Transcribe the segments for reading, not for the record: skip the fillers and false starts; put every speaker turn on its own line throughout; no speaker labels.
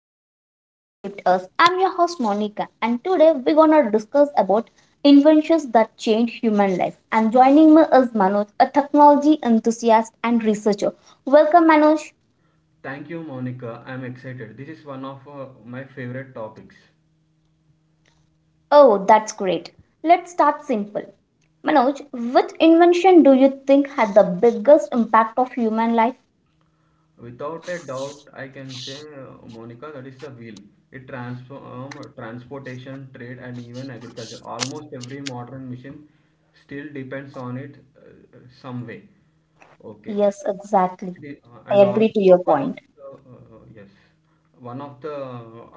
Ideas That Shaped Us. I'm your host Monica and today we're gonna discuss about inventions that change human life. And joining me is Manoj, a technology enthusiast and researcher. Welcome Manoj.
Thank you, Monica. I'm excited. This is one of my favorite topics.
Oh, that's great. Let's start simple. Manoj, which invention do you think had the biggest impact of human life?
Without a doubt, I can say, Monica, that is the wheel. It transforms transportation, trade, and even agriculture. Almost every modern machine still depends on it some way. Okay.
Yes, exactly.
It is,
I
and
agree to
also
your
one of
point.
the, yes, one of the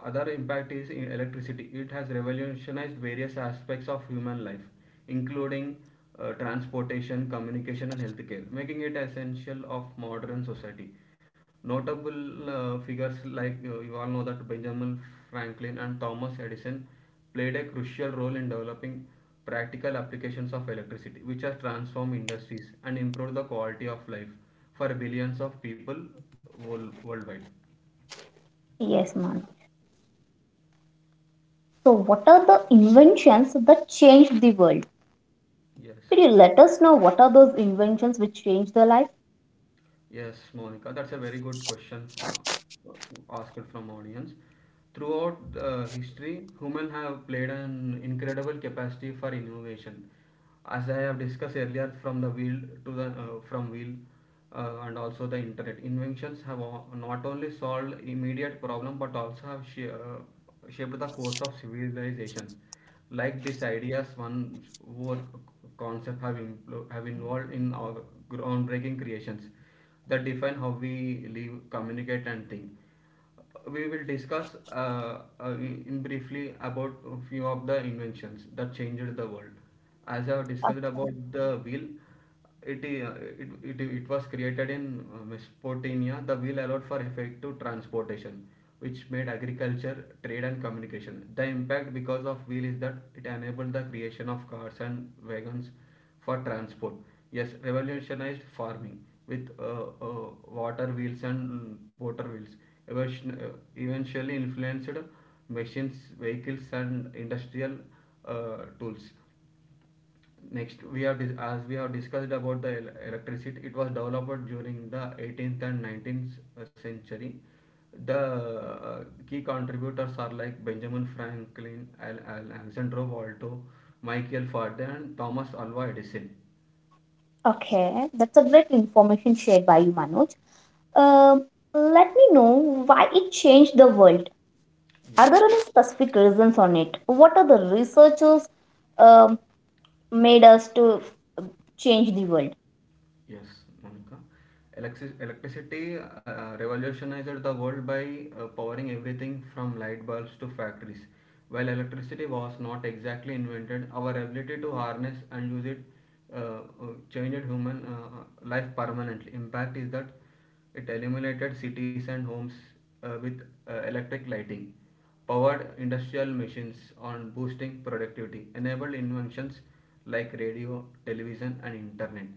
other impact is in electricity. It has revolutionized various aspects of human life, including transportation, communication, and healthcare, making it essential of modern society. Notable figures, like, you all know, that Benjamin Franklin and Thomas Edison played a crucial role in developing practical applications of electricity, which has transformed industries and improved the quality of life for billions of people worldwide.
Yes, Manoj. So what are the inventions that changed the world?
Yes.
Could you let us know what are those inventions which change their life?
Yes, Monica, that's a very good question asked from audience. Throughout history, human have played an incredible capacity for innovation. As I have discussed earlier, from the wheel to the from wheel, and also the internet, inventions have not only solved immediate problem, but also have shaped the course of civilizations. Like these ideas, one work concept have have involved in our groundbreaking creations that define how we live, communicate, and think. We will discuss in briefly about a few of the inventions that changed the world. As I have discussed about the wheel, it, I- it was created in Mesopotamia. The wheel allowed for effective transportation, which made agriculture, trade, and communication. The impact because of wheel is that it enabled the creation of cars and wagons for transport, yes, revolutionized farming with water wheels and water wheels. Eventually influenced machines, vehicles, and industrial tools. Next, as we have discussed about the electricity, it was developed during the 18th and 19th century. The key contributors are like Benjamin Franklin, Alexander Waldo, Michael Faraday, and Thomas Alva Edison.
Okay, that's a great information shared by you, Manoj. Um, Let me know why it changed the world. Are there
Yes.
any specific reasons on it? What are the researchers um, made us to um, change the world?
Yes, Monica. Electricity revolutionized the world by powering everything from light bulbs to factories. While electricity was not exactly invented, our ability to harness and use it changed human life permanently. Impact is that it illuminated cities and homes with electric lighting, powered industrial machines on boosting productivity, enabled inventions like radio, television, and internet.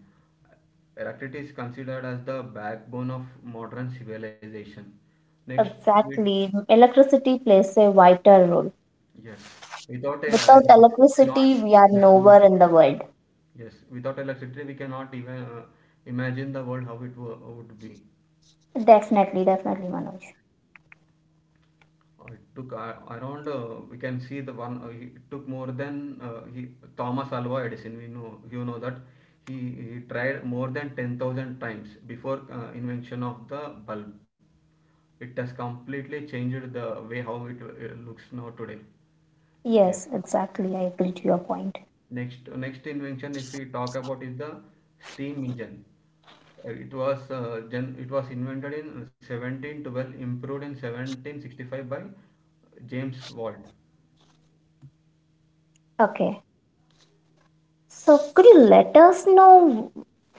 Electricity is considered as the backbone of modern civilization. Next, with,
Exactly. Electricity plays a vital role.
yes, without
Without
electricity we cannot
electricity, we are nowhere
imagine.
in the world.
Yes, without electricity we cannot even imagine the world how it would be.
Definitely, definitely, Manoj.
It took around, we can see the one, it took more than Thomas Alva Edison. We know, you know, that he, he tried more than 10,000 times before invention of the bulb. It has completely changed the way how it looks now today. Yes.
Yes, exactly. I agree to your point.
Next invention, if we talk about, is the steam engine. It was invented in 1712, improved in 1765 by James Watt.
Okay. So, could you let us know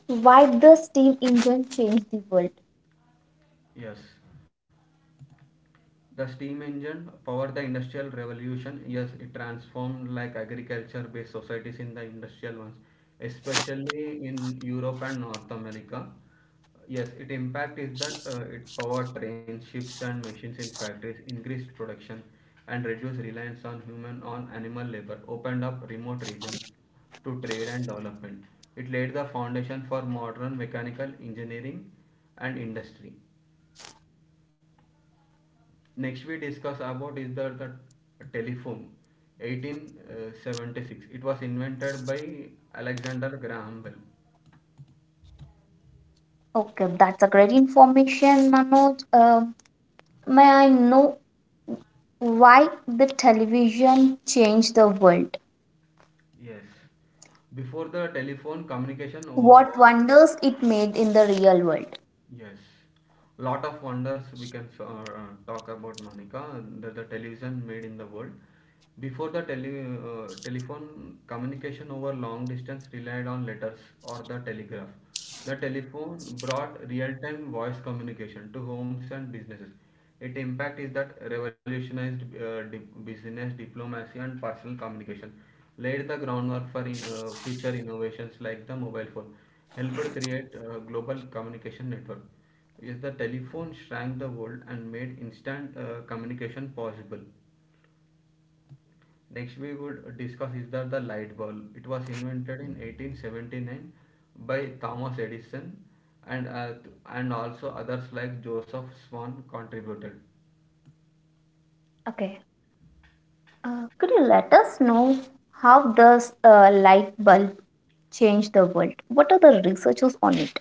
why the steam engine changed the world?
Yes, the steam engine powered the industrial revolution. Yes, it transformed like agriculture-based societies in the industrial ones, especially in Europe and North America. Yes, its impact is that it powered trains, ships, and machines in factories, increased production, and reduced reliance on human on animal labor, opened up remote regions to trade and development. It laid the foundation for modern mechanical engineering and industry. Next, we discuss about is the telephone, 1876, it was invented by Alexander Graham Bell.
Okay, that's a great information, Manoj. May I know why the television changed the world?
Yes, before the telephone communication
What wonders it made in the real world?
yes, lot of wonders we can talk about, Monica, that the television made in the world. Before the telephone, communication over long distance relied on letters or the telegraph. The telephone brought real-time voice communication to homes and businesses. Its impact is that revolutionized business diplomacy and personal communication, laid the groundwork for future innovations like the mobile phone, helped create a global communication network. Yes, the telephone shrank the world and made instant communication possible. Next, we would discuss is that the light bulb. It was invented in 1879 by Thomas Edison, and uh, and also others like Joseph Swan contributed.
Okay, could you let us know how the light bulb changed the world? What are the researchers on it?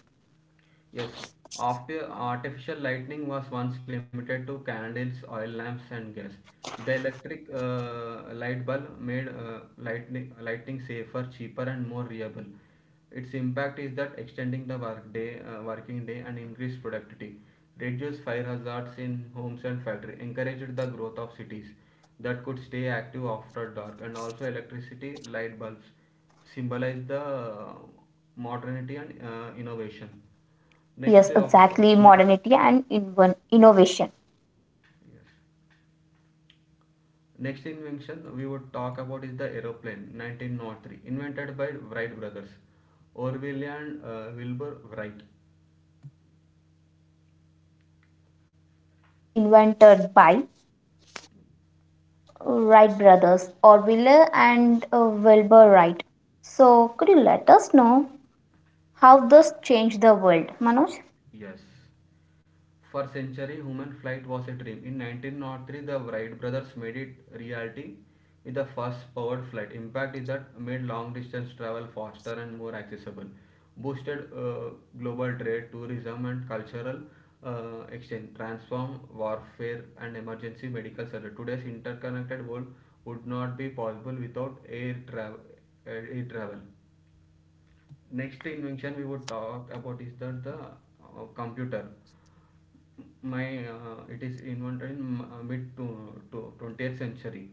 Yes, after artificial lighting was once limited to candles, oil lamps, and gas. The electric light bulb made lighting safer, cheaper, and more reliable. Its impact is that extending the working day and increased productivity, reduced fire hazards in homes and factory, encouraged the growth of cities that could stay active after dark, and also electricity light bulbs symbolize the modernity and innovation.
Yes,
Next of uh,
exactly,
invention-
modernity and innovation.
yes. Next invention we would talk about is the aeroplane, 1903, invented
So
by
I would
Wright
like
brothers,
to
Orville
uh,
and
let you know
Wilbur
about the
Wright.
aeroplane. So I just want to share the information that is aeroplane. It is invented by Wright brothers, Orville and Wilbur Wright. So could you let us know how this changed the world, Manoj?
Yes. For centuries, human flight was a dream. In 1903, the Wright brothers made it reality with the first powered flight. Impact is that made long distance travel faster and more accessible, boosted global trade, tourism, and cultural exchange, transformed warfare and emergency medical service. Today's interconnected world would not be possible without air travel. Air travel Next invention we would talk about is that the computer. My uh, it is invented in mid to 20th century.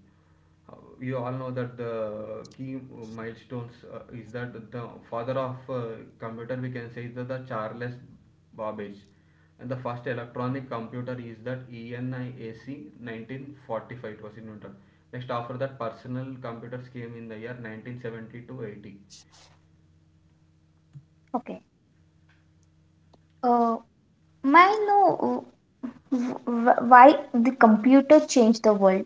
Uh, you all know that the key milestones is that the father of computer, we can say, is that the Charles Babbage. And the first electronic computer is that ENIAC, 1945, it was invented. Next after that, personal computers came in the year 1970 to 80.
Okay. Uh, may I know why the computer changed the world?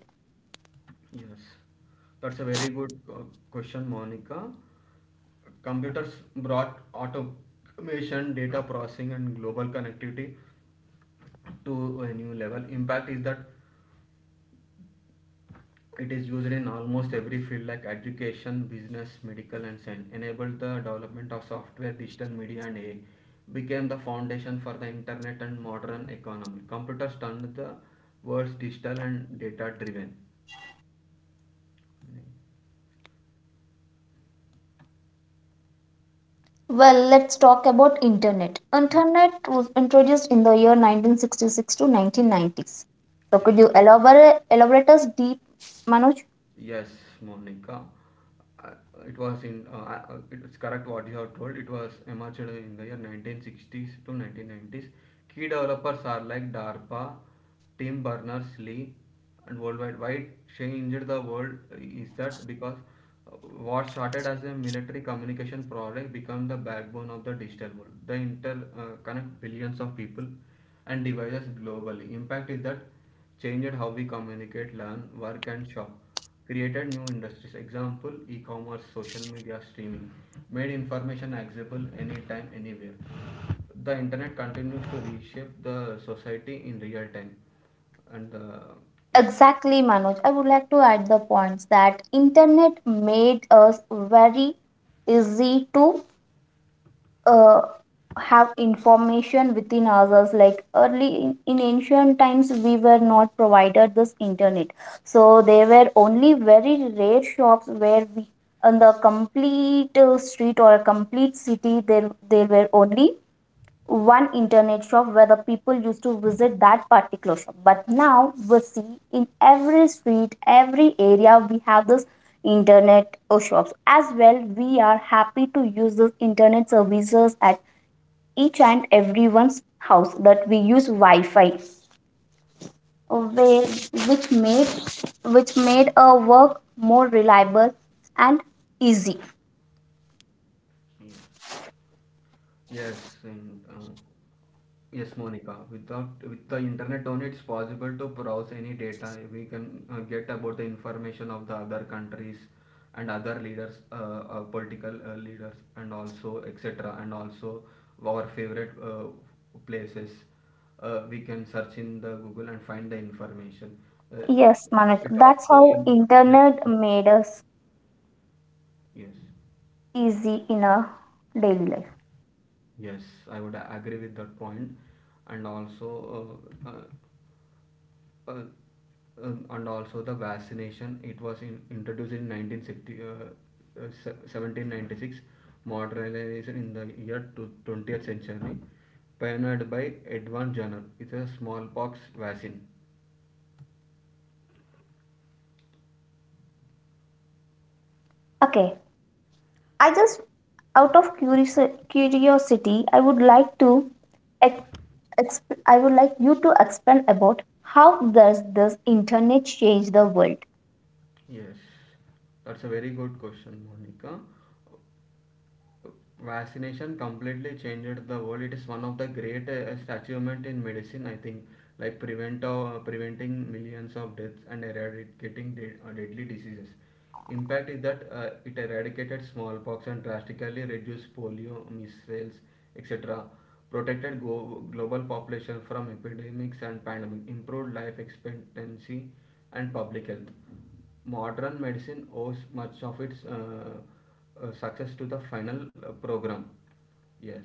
Yes, that's a very good question, Monica. Computers brought automation, data processing, and global connectivity to a new level. Impact is that it is used in almost every field like education, business, medical, and science. Enabled the development of software, digital media, and AI. Became the foundation for the internet and modern economy. Computers turned the world's digital and data driven.
Well, let's talk about internet. Internet was introduced in the year 1966 to 1990s. So could
Yes.
you elaborate us deep, Manoj?
Yes, Monica. Uh, It was in. It's correct what you have told. It was emerged in the year 1960s to 1990s. Key developers are like DARPA, Tim Berners-Lee, and worldwide. Why changed the world is that because uh, what started as a military communication product became the backbone of the digital world. The inter connect billions of people and devices globally. Impact is that changed how we communicate, learn, work, and shop, created new industries, example e-commerce, social media, streaming, made information accessible anytime anywhere. The internet continues to reshape the society in real time. And yeah.
Exactly, Manoj. I would like to add the points that internet made us very easy to uh, have information within ourselves, like early in ancient times we were not provided this internet, so there were only very rare shops where we, on the complete street or a complete city, there were only one internet shop where the people used to visit that particular shop. But now we see in every street, every area, we have this internet shops as well. We are happy to use this internet services at each and everyone's house, that we use Wi-Fi, where, which made, which made our work more reliable and easy.
Yeah. Yes, and yes, Monica. Without, with the internet on, it's possible to browse any data. We can get about the information of the other countries and other leaders, political leaders, and also etc. And also our favorite places. We can search in the Google and find the information. Uh,
Yes, Manik,
it
that's
also
how
im- yes.
internet
uh,
made us
yes.
easy in our daily life.
Yes, I would agree with that point, and also uh, uh, uh, and also the vaccination. It was introduced in 1960, 1796, modernization in the year to 20th century, pioneered by Edward Jenner. It's a smallpox vaccine.
Okay, I just, out of curiosity, I would like to ex- I would like you to expand about how does this internet change the world.
Yes, that's a very good question, Monica. Vaccination completely changed the world. It is one of the greatest achievement in medicine, I think, like preventing millions of deaths and eradicating deadly diseases. Impact is that it eradicated smallpox and drastically reduced polio, measles, etc. Protected global population from epidemics and pandemic, improved life expectancy and public health. Modern medicine owes much of its success to the final program. Yes.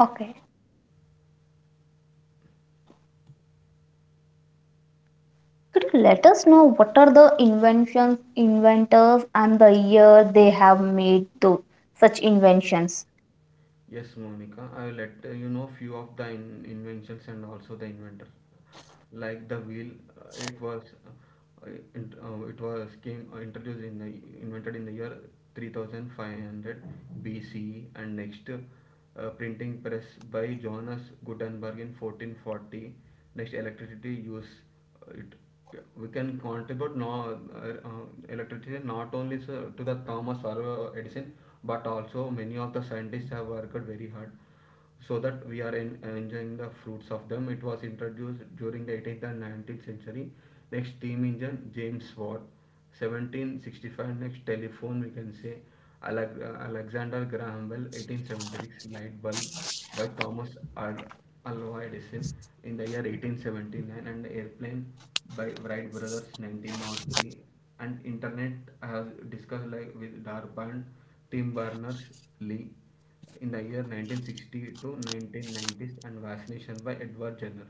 Okay. Could you let us know what are the inventions, inventors, and the year they have made those such inventions?
Yes, Monica. I will let you know few of the inventions and also the inventor, like the wheel. It was int- it was came introduced in the invented in the year 3500 BCE. And next printing press by Johannes Gutenberg in 1440. Next, electricity use it, we can contribute no, electricity not only to the Thomas Alva Edison, but also many of the scientists have worked very hard so that we are enjoying the fruits of them. It was introduced during the 18th and 19th century. Next, steam engine, James Watt, 1765. Next, telephone, we can say, Ale- Alexander Graham Bell, 1876. Light bulb by Thomas Al- Alva Edison in the year 1879. And airplane by Wright brothers, 1903. And internet, I have discussed, like with Darpand, Tim Berners-Lee, in the year 1960 to 1990s. And vaccination by Edward Jenner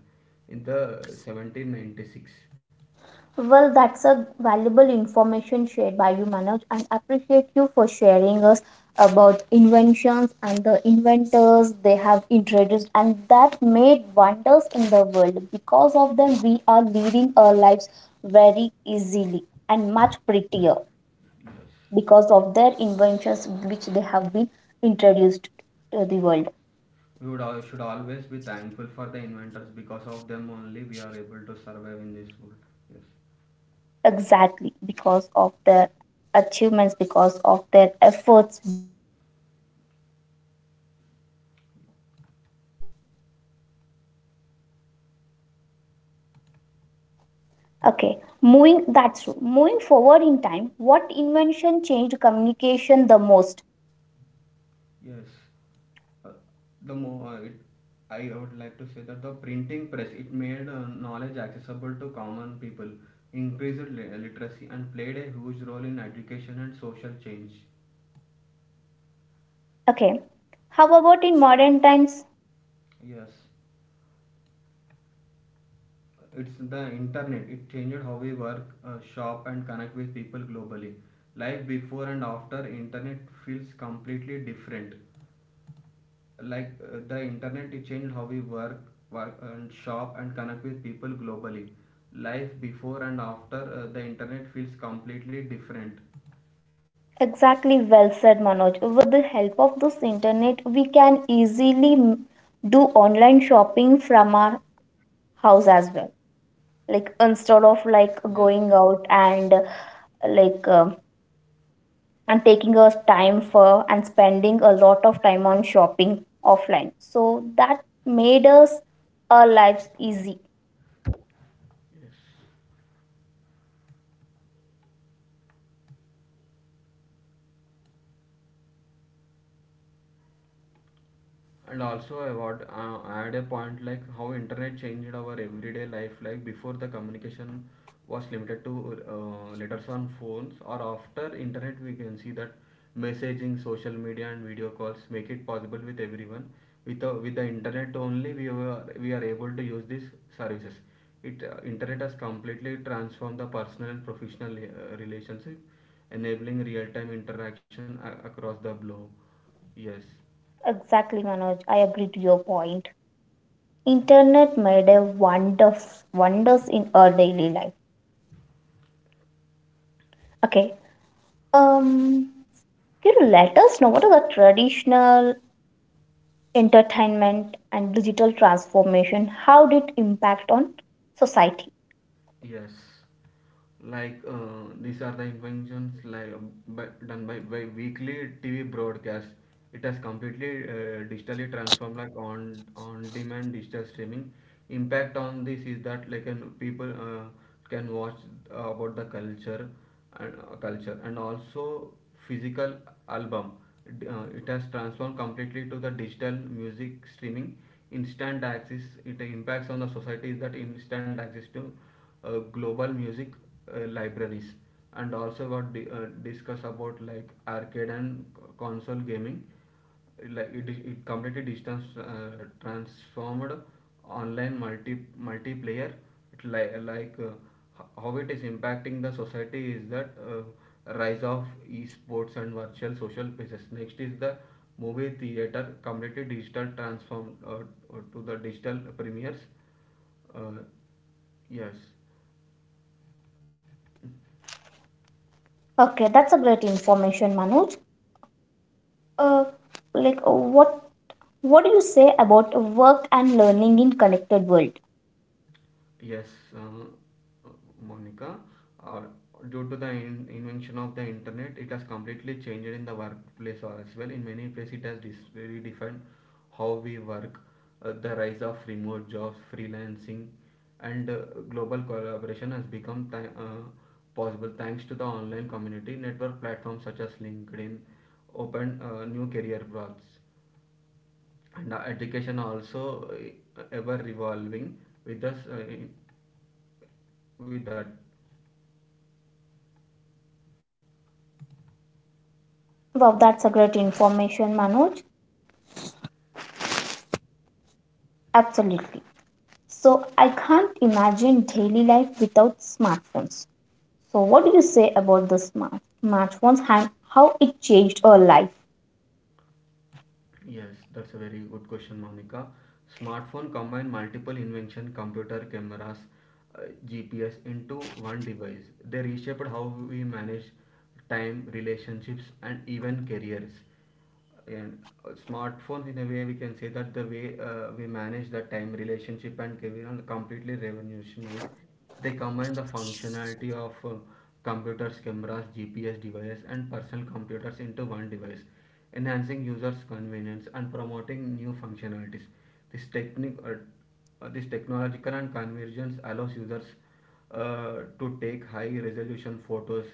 in the 1796.
Well, that's a valuable information shared by you, Manoj, and appreciate you for sharing us about inventions and the inventors they have introduced and that made wonders in the world. Because of them, we are leading our lives very easily and much prettier.
Yes.
Because of their inventions which they have been introduced to the world.
We would all should always be thankful for the inventors because of them only we are able to survive in this world. Yes.
Exactly, because of their achievements, because of their efforts, we are now utilizing those inventions. Okay, moving, that's true, moving forward in time, what invention changed communication the most?
Yes. Uh, the more uh, it, I would like to say that the printing press, it made knowledge accessible to common people, increased literacy, and played a huge role in education and social change.
Okay, how about in modern times?
Yes, it's the internet. It changed how we work, shop, and connect with people globally. Life before and after internet feels completely different. The internet, it changed how we work and shop and connect with people globally. Life before and after the internet feels completely different.
Exactly, well said, Manoj. With the help of this internet, we can easily do online shopping from our house as well, like instead of like
Yes,
going out and like um and taking a time for and spending a lot of time on shopping offline, so that made us, our lives easy.
and also I want add a point, like how internet changed our everyday life. Like before, the communication was limited to letters on phones, or after internet we can see that messaging, social media, and video calls make it possible with everyone. With the internet only we are able to use these services. It Internet has completely transformed the personal and professional relationship, enabling real-time interaction across the globe. Yes.
Exactly, Manoj, I agree to your point. Internet made a wonders, wonders in our daily life. Okay um can you let us know what are the traditional entertainment and digital transformation, how did it impact on society?
Yes, these are the inventions done by weekly TV broadcast. It has completely digitally transformed, like on demand digital streaming. Impact on this is that like an people can watch about the culture and also physical album. It has transformed completely to the digital music streaming. Instant access. It impacts on the society is that instant access to global music libraries. And also about discuss about like arcade and console gaming, like it completely distance transformed online multiplayer. It li- like h- How it is impacting the society is that rise of esports and virtual social spaces. Next is the movie theater, completely digital transformed to the digital premieres. uh, yes.
Okay, that's a great information, Manoj. Uh, like, what do you say about work and learning in connected world?
Yes, uh, Monica, uh, due to the in invention of the internet, it has completely changed in the workplace as well. In many places, it has redefined how we work. The rise of remote jobs, freelancing, and global collaboration has become possible thanks to the online community network platforms such as LinkedIn, open new career paths. And education also ever revolving with us uh, in- with that.
Wow, that's a great information, Manoj. Absolutely. So I can't imagine daily life without smartphones. So what do you say about the smartphones and how it changed our life?
Yes, that's a very good question, Monica. Smartphone combine multiple invention: computer, cameras, uh, GPS into one device. They reshaped how we manage time, relationships, and even careers. And smartphones, in a way, we can say that the way we manage the time, relationship, and career are completely revolutionized. They combine the functionality of computers, cameras, GPS devices, and personal computers into one device, enhancing users' convenience and promoting new functionalities. This technic, uh, this technological and convergence allows users to take high resolution photos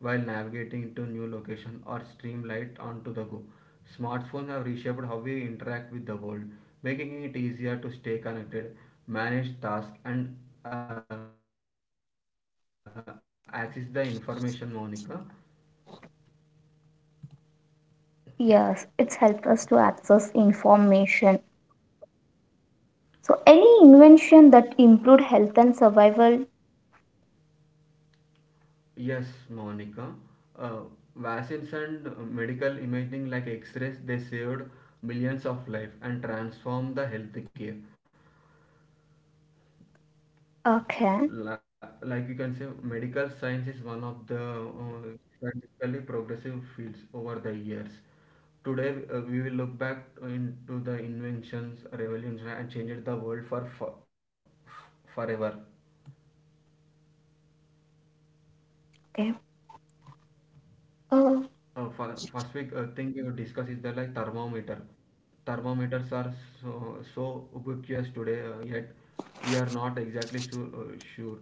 while navigating to new location or stream light onto the go. Smartphones have reshaped how we interact with the world, making it easier to stay connected, manage tasks, and access the information, Monica.
Yes, it's helped us to access information. So any invention that improved health and survival?
Yes, Monica. Uh, Vaccines and medical imaging like X-rays, they saved millions of lives and transformed the healthcare.
Okay.
Li- like you can say medical science is one of the scientifically progressive fields over the years. Today we will look back into the inventions revolutions and changed the world for forever.
Okay. Uh,
First week thing we will discuss is the like thermometer. Thermometers are so ubiquitous today, yet we are not exactly sure. Sure.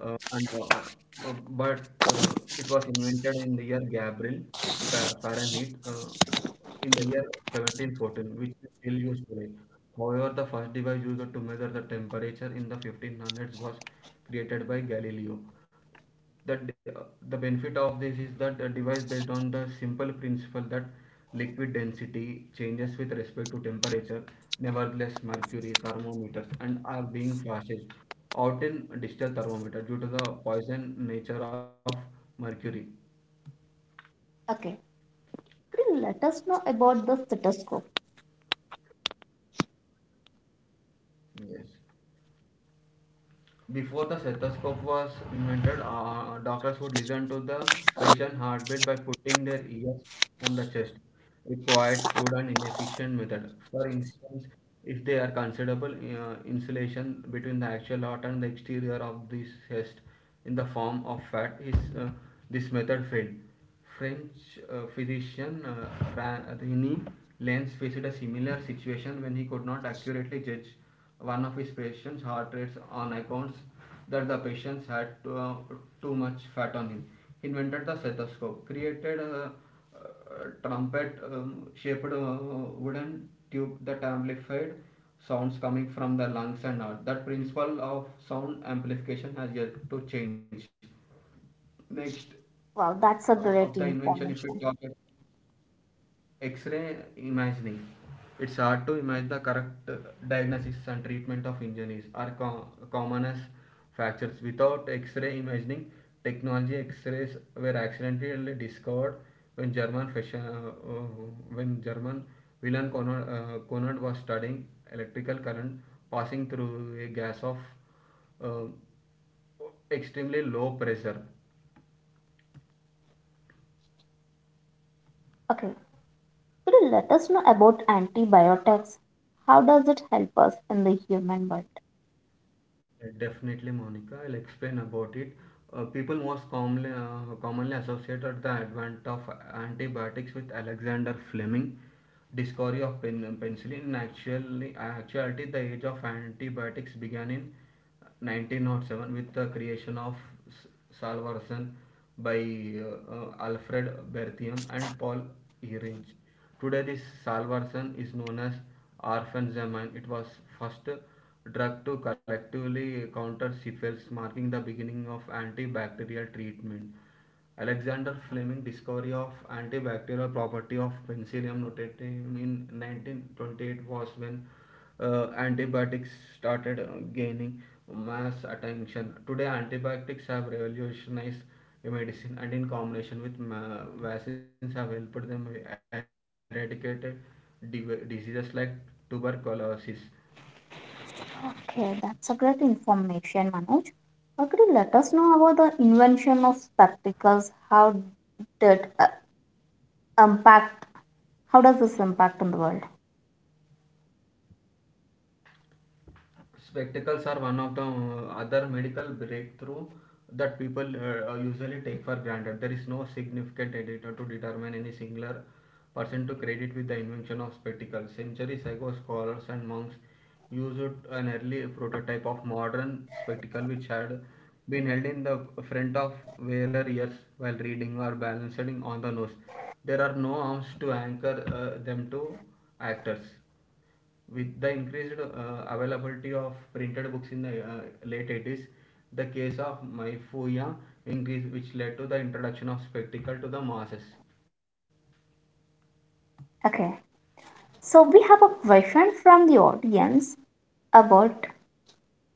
And uh, but It was invented in the year Gabriel Fahrenheit, in the year 1714, which is still used today. However, the first device used to measure the temperature in the 1500s was created by Galileo. the the benefit of this is that the device based on the simple principle that liquid density changes with respect to temperature. Nevertheless, mercury thermometers and are being flashed out in digital thermometer due to the poison nature of mercury.
okay. Could you let us know about the stethoscope?
Yes. Before the stethoscope was invented, doctors would listen to the patient heartbeat by putting their ears on the chest. A quiet, crude, and inefficient method. For instance, if there are considerable insulation between the actual heart and the exterior of this chest in the form of fat, this method failed. French physician René Lenz faced a similar situation when he could not accurately judge one of his patients' heart rates on accounts that the patients had too much fat on him. He invented the stethoscope, created a trumpet shaped wooden tube that amplified sounds coming from the lungs and heart. That principle of sound amplification has yet to change. Next,
Wow, that's a
of the
great
invention, if we talk
information.
about x-ray imagining, it's hard to imagine the correct diagnosis and treatment of injuries are common as fractures without x-ray imagining technology. X-rays were accidentally discovered when german wilhelm conrad, conrad was studying electrical current passing through a gas of uh, extremely low pressure.
Okay, could you let us know about antibiotics? How does it help us in the human world?
Yeah. Definitely, Monica, I'll explain about it. People most commonly, commonly associated the advent of antibiotics with Alexander Fleming, discovery of penicillin. In actuality, the age of antibiotics began in 1907 with the creation of Salvarsan by Alfred Berthium and Paul Ehrlich. Today, this Salvarsan is known as Arfenzaman. It was first drug to collectively counter syphilis, marking the beginning of antibacterial treatment. Alexander Fleming discovery of antibacterial property of penicillium notatum in 1928 was when antibiotics started gaining mass attention. Today, antibiotics have revolutionized medicine, and in combination with vaccines, have helped them eradicate diseases like tuberculosis.
Okay, that's a great information, Manoj. Or could you let us know about the invention of spectacles? How did impact? How does this impact on the world?
Spectacles are one of the other medical breakthrough that people usually take for granted. There is no significant editor to determine any singular person to credit with the invention of spectacles. Centuries ago, scholars and monks used an early prototype of modern spectacle which had been held in the front of wearer ears while reading or balancing on the nose. There are no arms to anchor them to actors. With the increased availability of printed books in the late 80s, the case of myopia increased, which led to the introduction of spectacle to the masses.
Okay, so we have a question from the audience about,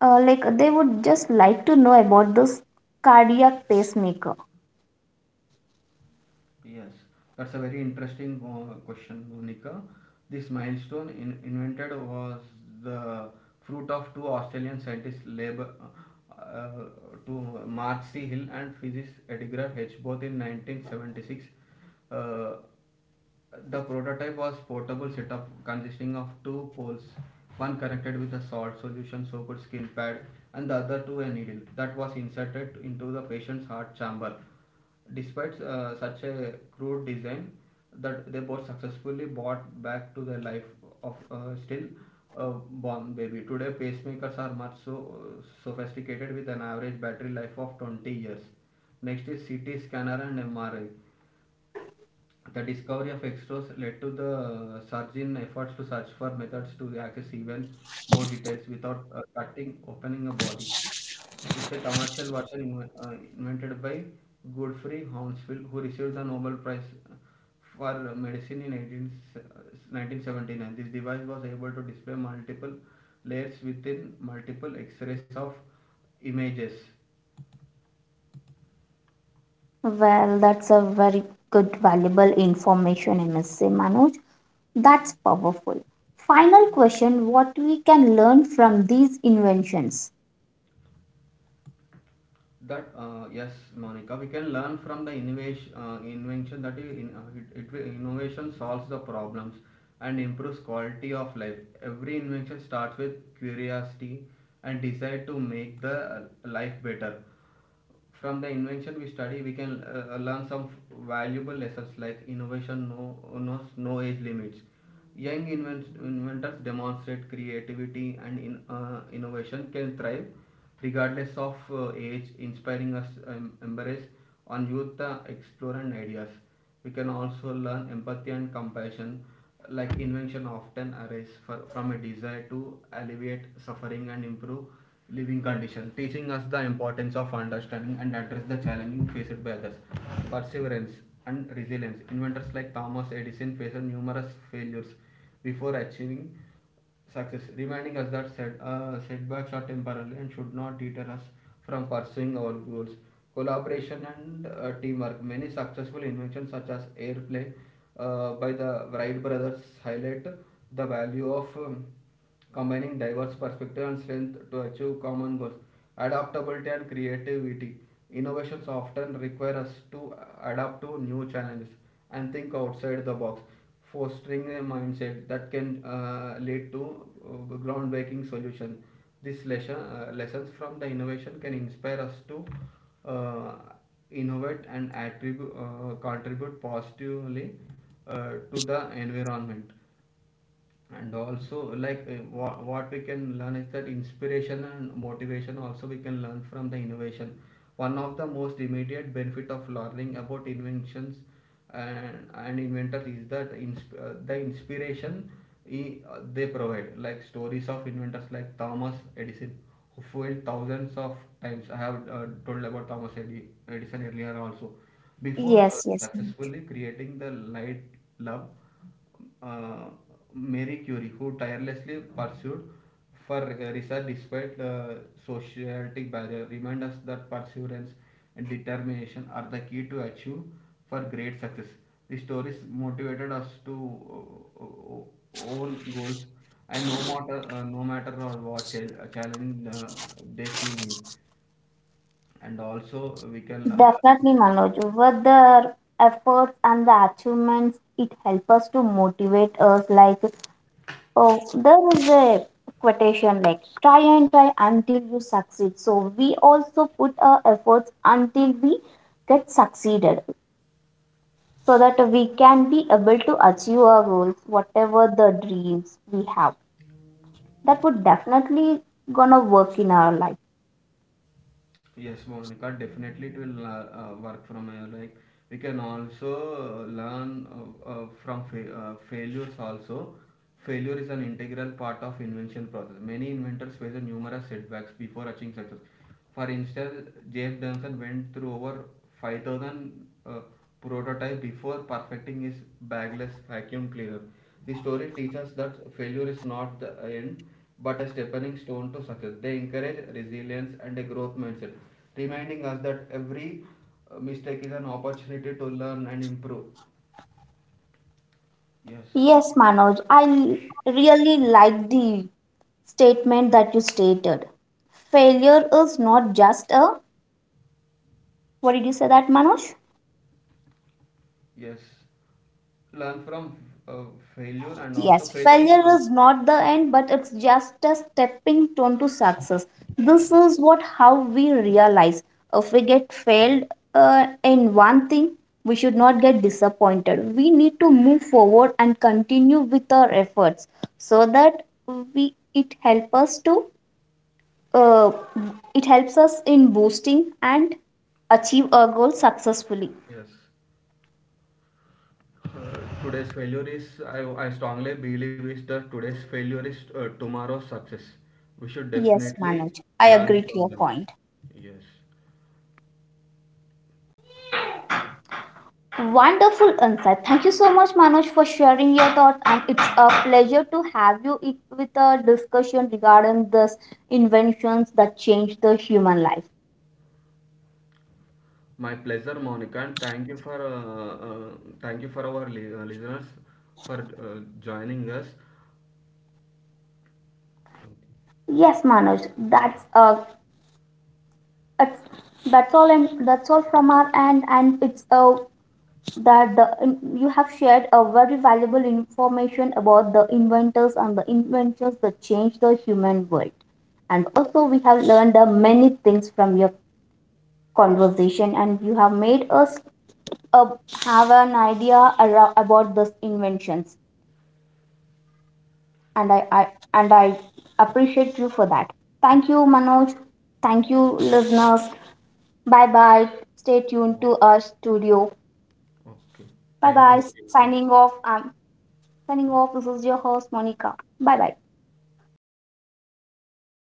like, they would just like to know about this cardiac pacemaker.
Yes, that's a very interesting question, Monica. This milestone invented was the fruit of two Australian scientists' labor. Uh, to Mark C. Hill and physicist Edgar H. both in 1976. Uh, The prototype was portable setup consisting of two poles, one connected with a salt solution soaked skin pad and the other to a needle that was inserted into the patient's heart chamber. Despite such a crude design, that they both successfully brought back to the life of still a born baby. Today, pacemakers are much so sophisticated with an average battery life of 20 years. Next is CT scanner and MRI. The discovery of X-rays led to the surge in efforts to search for methods to access even more details without cutting opening a body. It's a commercial version invented by Godfrey Hounsfield, who received the Nobel Prize uh, for Medicine in 1979. This device was able to display multiple layers within multiple X-rays of images.
Well, that's a very good, valuable information, I must say, Manoj. That's powerful. Final question: what we can learn from these inventions?
That Yes, Monica, we can learn from the innovation invention that I- in, it, it will- innovation solves the problems and improves quality of life. Every invention starts with curiosity and desire to make the life better. From the invention we study, we can learn some valuable lessons like innovation knows no age limits. Young inventors demonstrate creativity, and innovation can thrive regardless of age, inspiring us embrace on youth explore and ideas. We can also learn empathy and compassion, like invention often arise from a desire to alleviate suffering and improve living condition, teaching us the importance of understanding and address the challenges faced by others. Perseverance and resilience, inventors like thomas edison faced numerous failures before achieving success, reminding us that setbacks are temporary and should not deter us from pursuing our goals. Collaboration and teamwork. Many successful inventions, such as airplane by the Wright brothers, highlight the value of combining diverse perspectives and strength to achieve common goals. Adaptability and creativity. Innovations often require us to adapt to new challenges and think outside the box, fostering a mindset that can lead to groundbreaking solutions. These lessons from the innovation can inspire us to uh, innovate and contribute positively to the environment. And also like what we can learn is that inspiration and motivation also we can learn from the innovation. One of the most immediate benefit of learning about inventions and inventors is that the inspiration they provide, like stories of inventors like thomas edison who failed thousands of times. I have told about edison earlier also. Before
Yes, yes, ma'am.
Successfully creating the light bulb, uh, Marie Curie, who tirelessly pursued for research despite societal barrier, remind us that perseverance and determination are the key to achieve for great success. The stories motivated us to own goals, and no matter or what challenging they see me, and also we can.
Definitely, Manoj. With the efforts and the achievements, it helps us to motivate us. Like, oh, there is a quotation like try and try until you succeed. So we also put our efforts until we get succeeded, so that we can be able to achieve our goals, whatever the dreams we have, that would definitely gonna work in our life.
Yes, Monica, definitely it will work from here. Like we can also learn failures also. Failure is an integral part of invention process. Many inventors face numerous setbacks before achieving success. For instance, James Dunson went through over 5,000 prototype before perfecting his bagless vacuum cleaner. The story teaches that failure is not the end but a stepping stone to success. They encourage resilience and a growth mindset, reminding us that every mistake is an opportunity to learn and improve. Yes.
Yes, Manoj, I really like the statement that you stated. Failure is not just a, what did you say that, Manoj?
Yes. Learn from uh, failure, and also
Yes,
failure is
failure
not.
is not the end, but it's just a stepping stone to success. This is what, how we realize, if we get failed in one thing, we should not get disappointed. We need to move forward and continue with our efforts so that, we, it help us to, uh, it helps us in boosting and achieve our goal successfully.
Yes. Today's failure is I strongly believe is that today's failure is tomorrow's success. We should
Yes,
definitely
Manoj, I
learn
agree to
from
your
them.
point.
Yes.
Wonderful insight. Thank you so much, Manoj, for sharing your thoughts. And it's a pleasure to have you with a discussion regarding this inventions that change the human life.
My pleasure, Monica, and thank you for our listeners for joining us. Okay.
Yes, Manoj, that's, that's all, and that's all from our end. And it's, that the you have shared a very valuable information about the inventors and the inventions that change the human world. And also, we have learned many things from your conversation, and you have made us uh, have an idea about these inventions. And I, I and i appreciate you for that. Thank you, Manoj. Thank you, listeners. Bye bye. Stay tuned
Oh,
to
okay.
our studio.
Okay,
Bye
thank
bye.
you everyone.
Signing off. Signing off, this is your host Monica. Bye bye.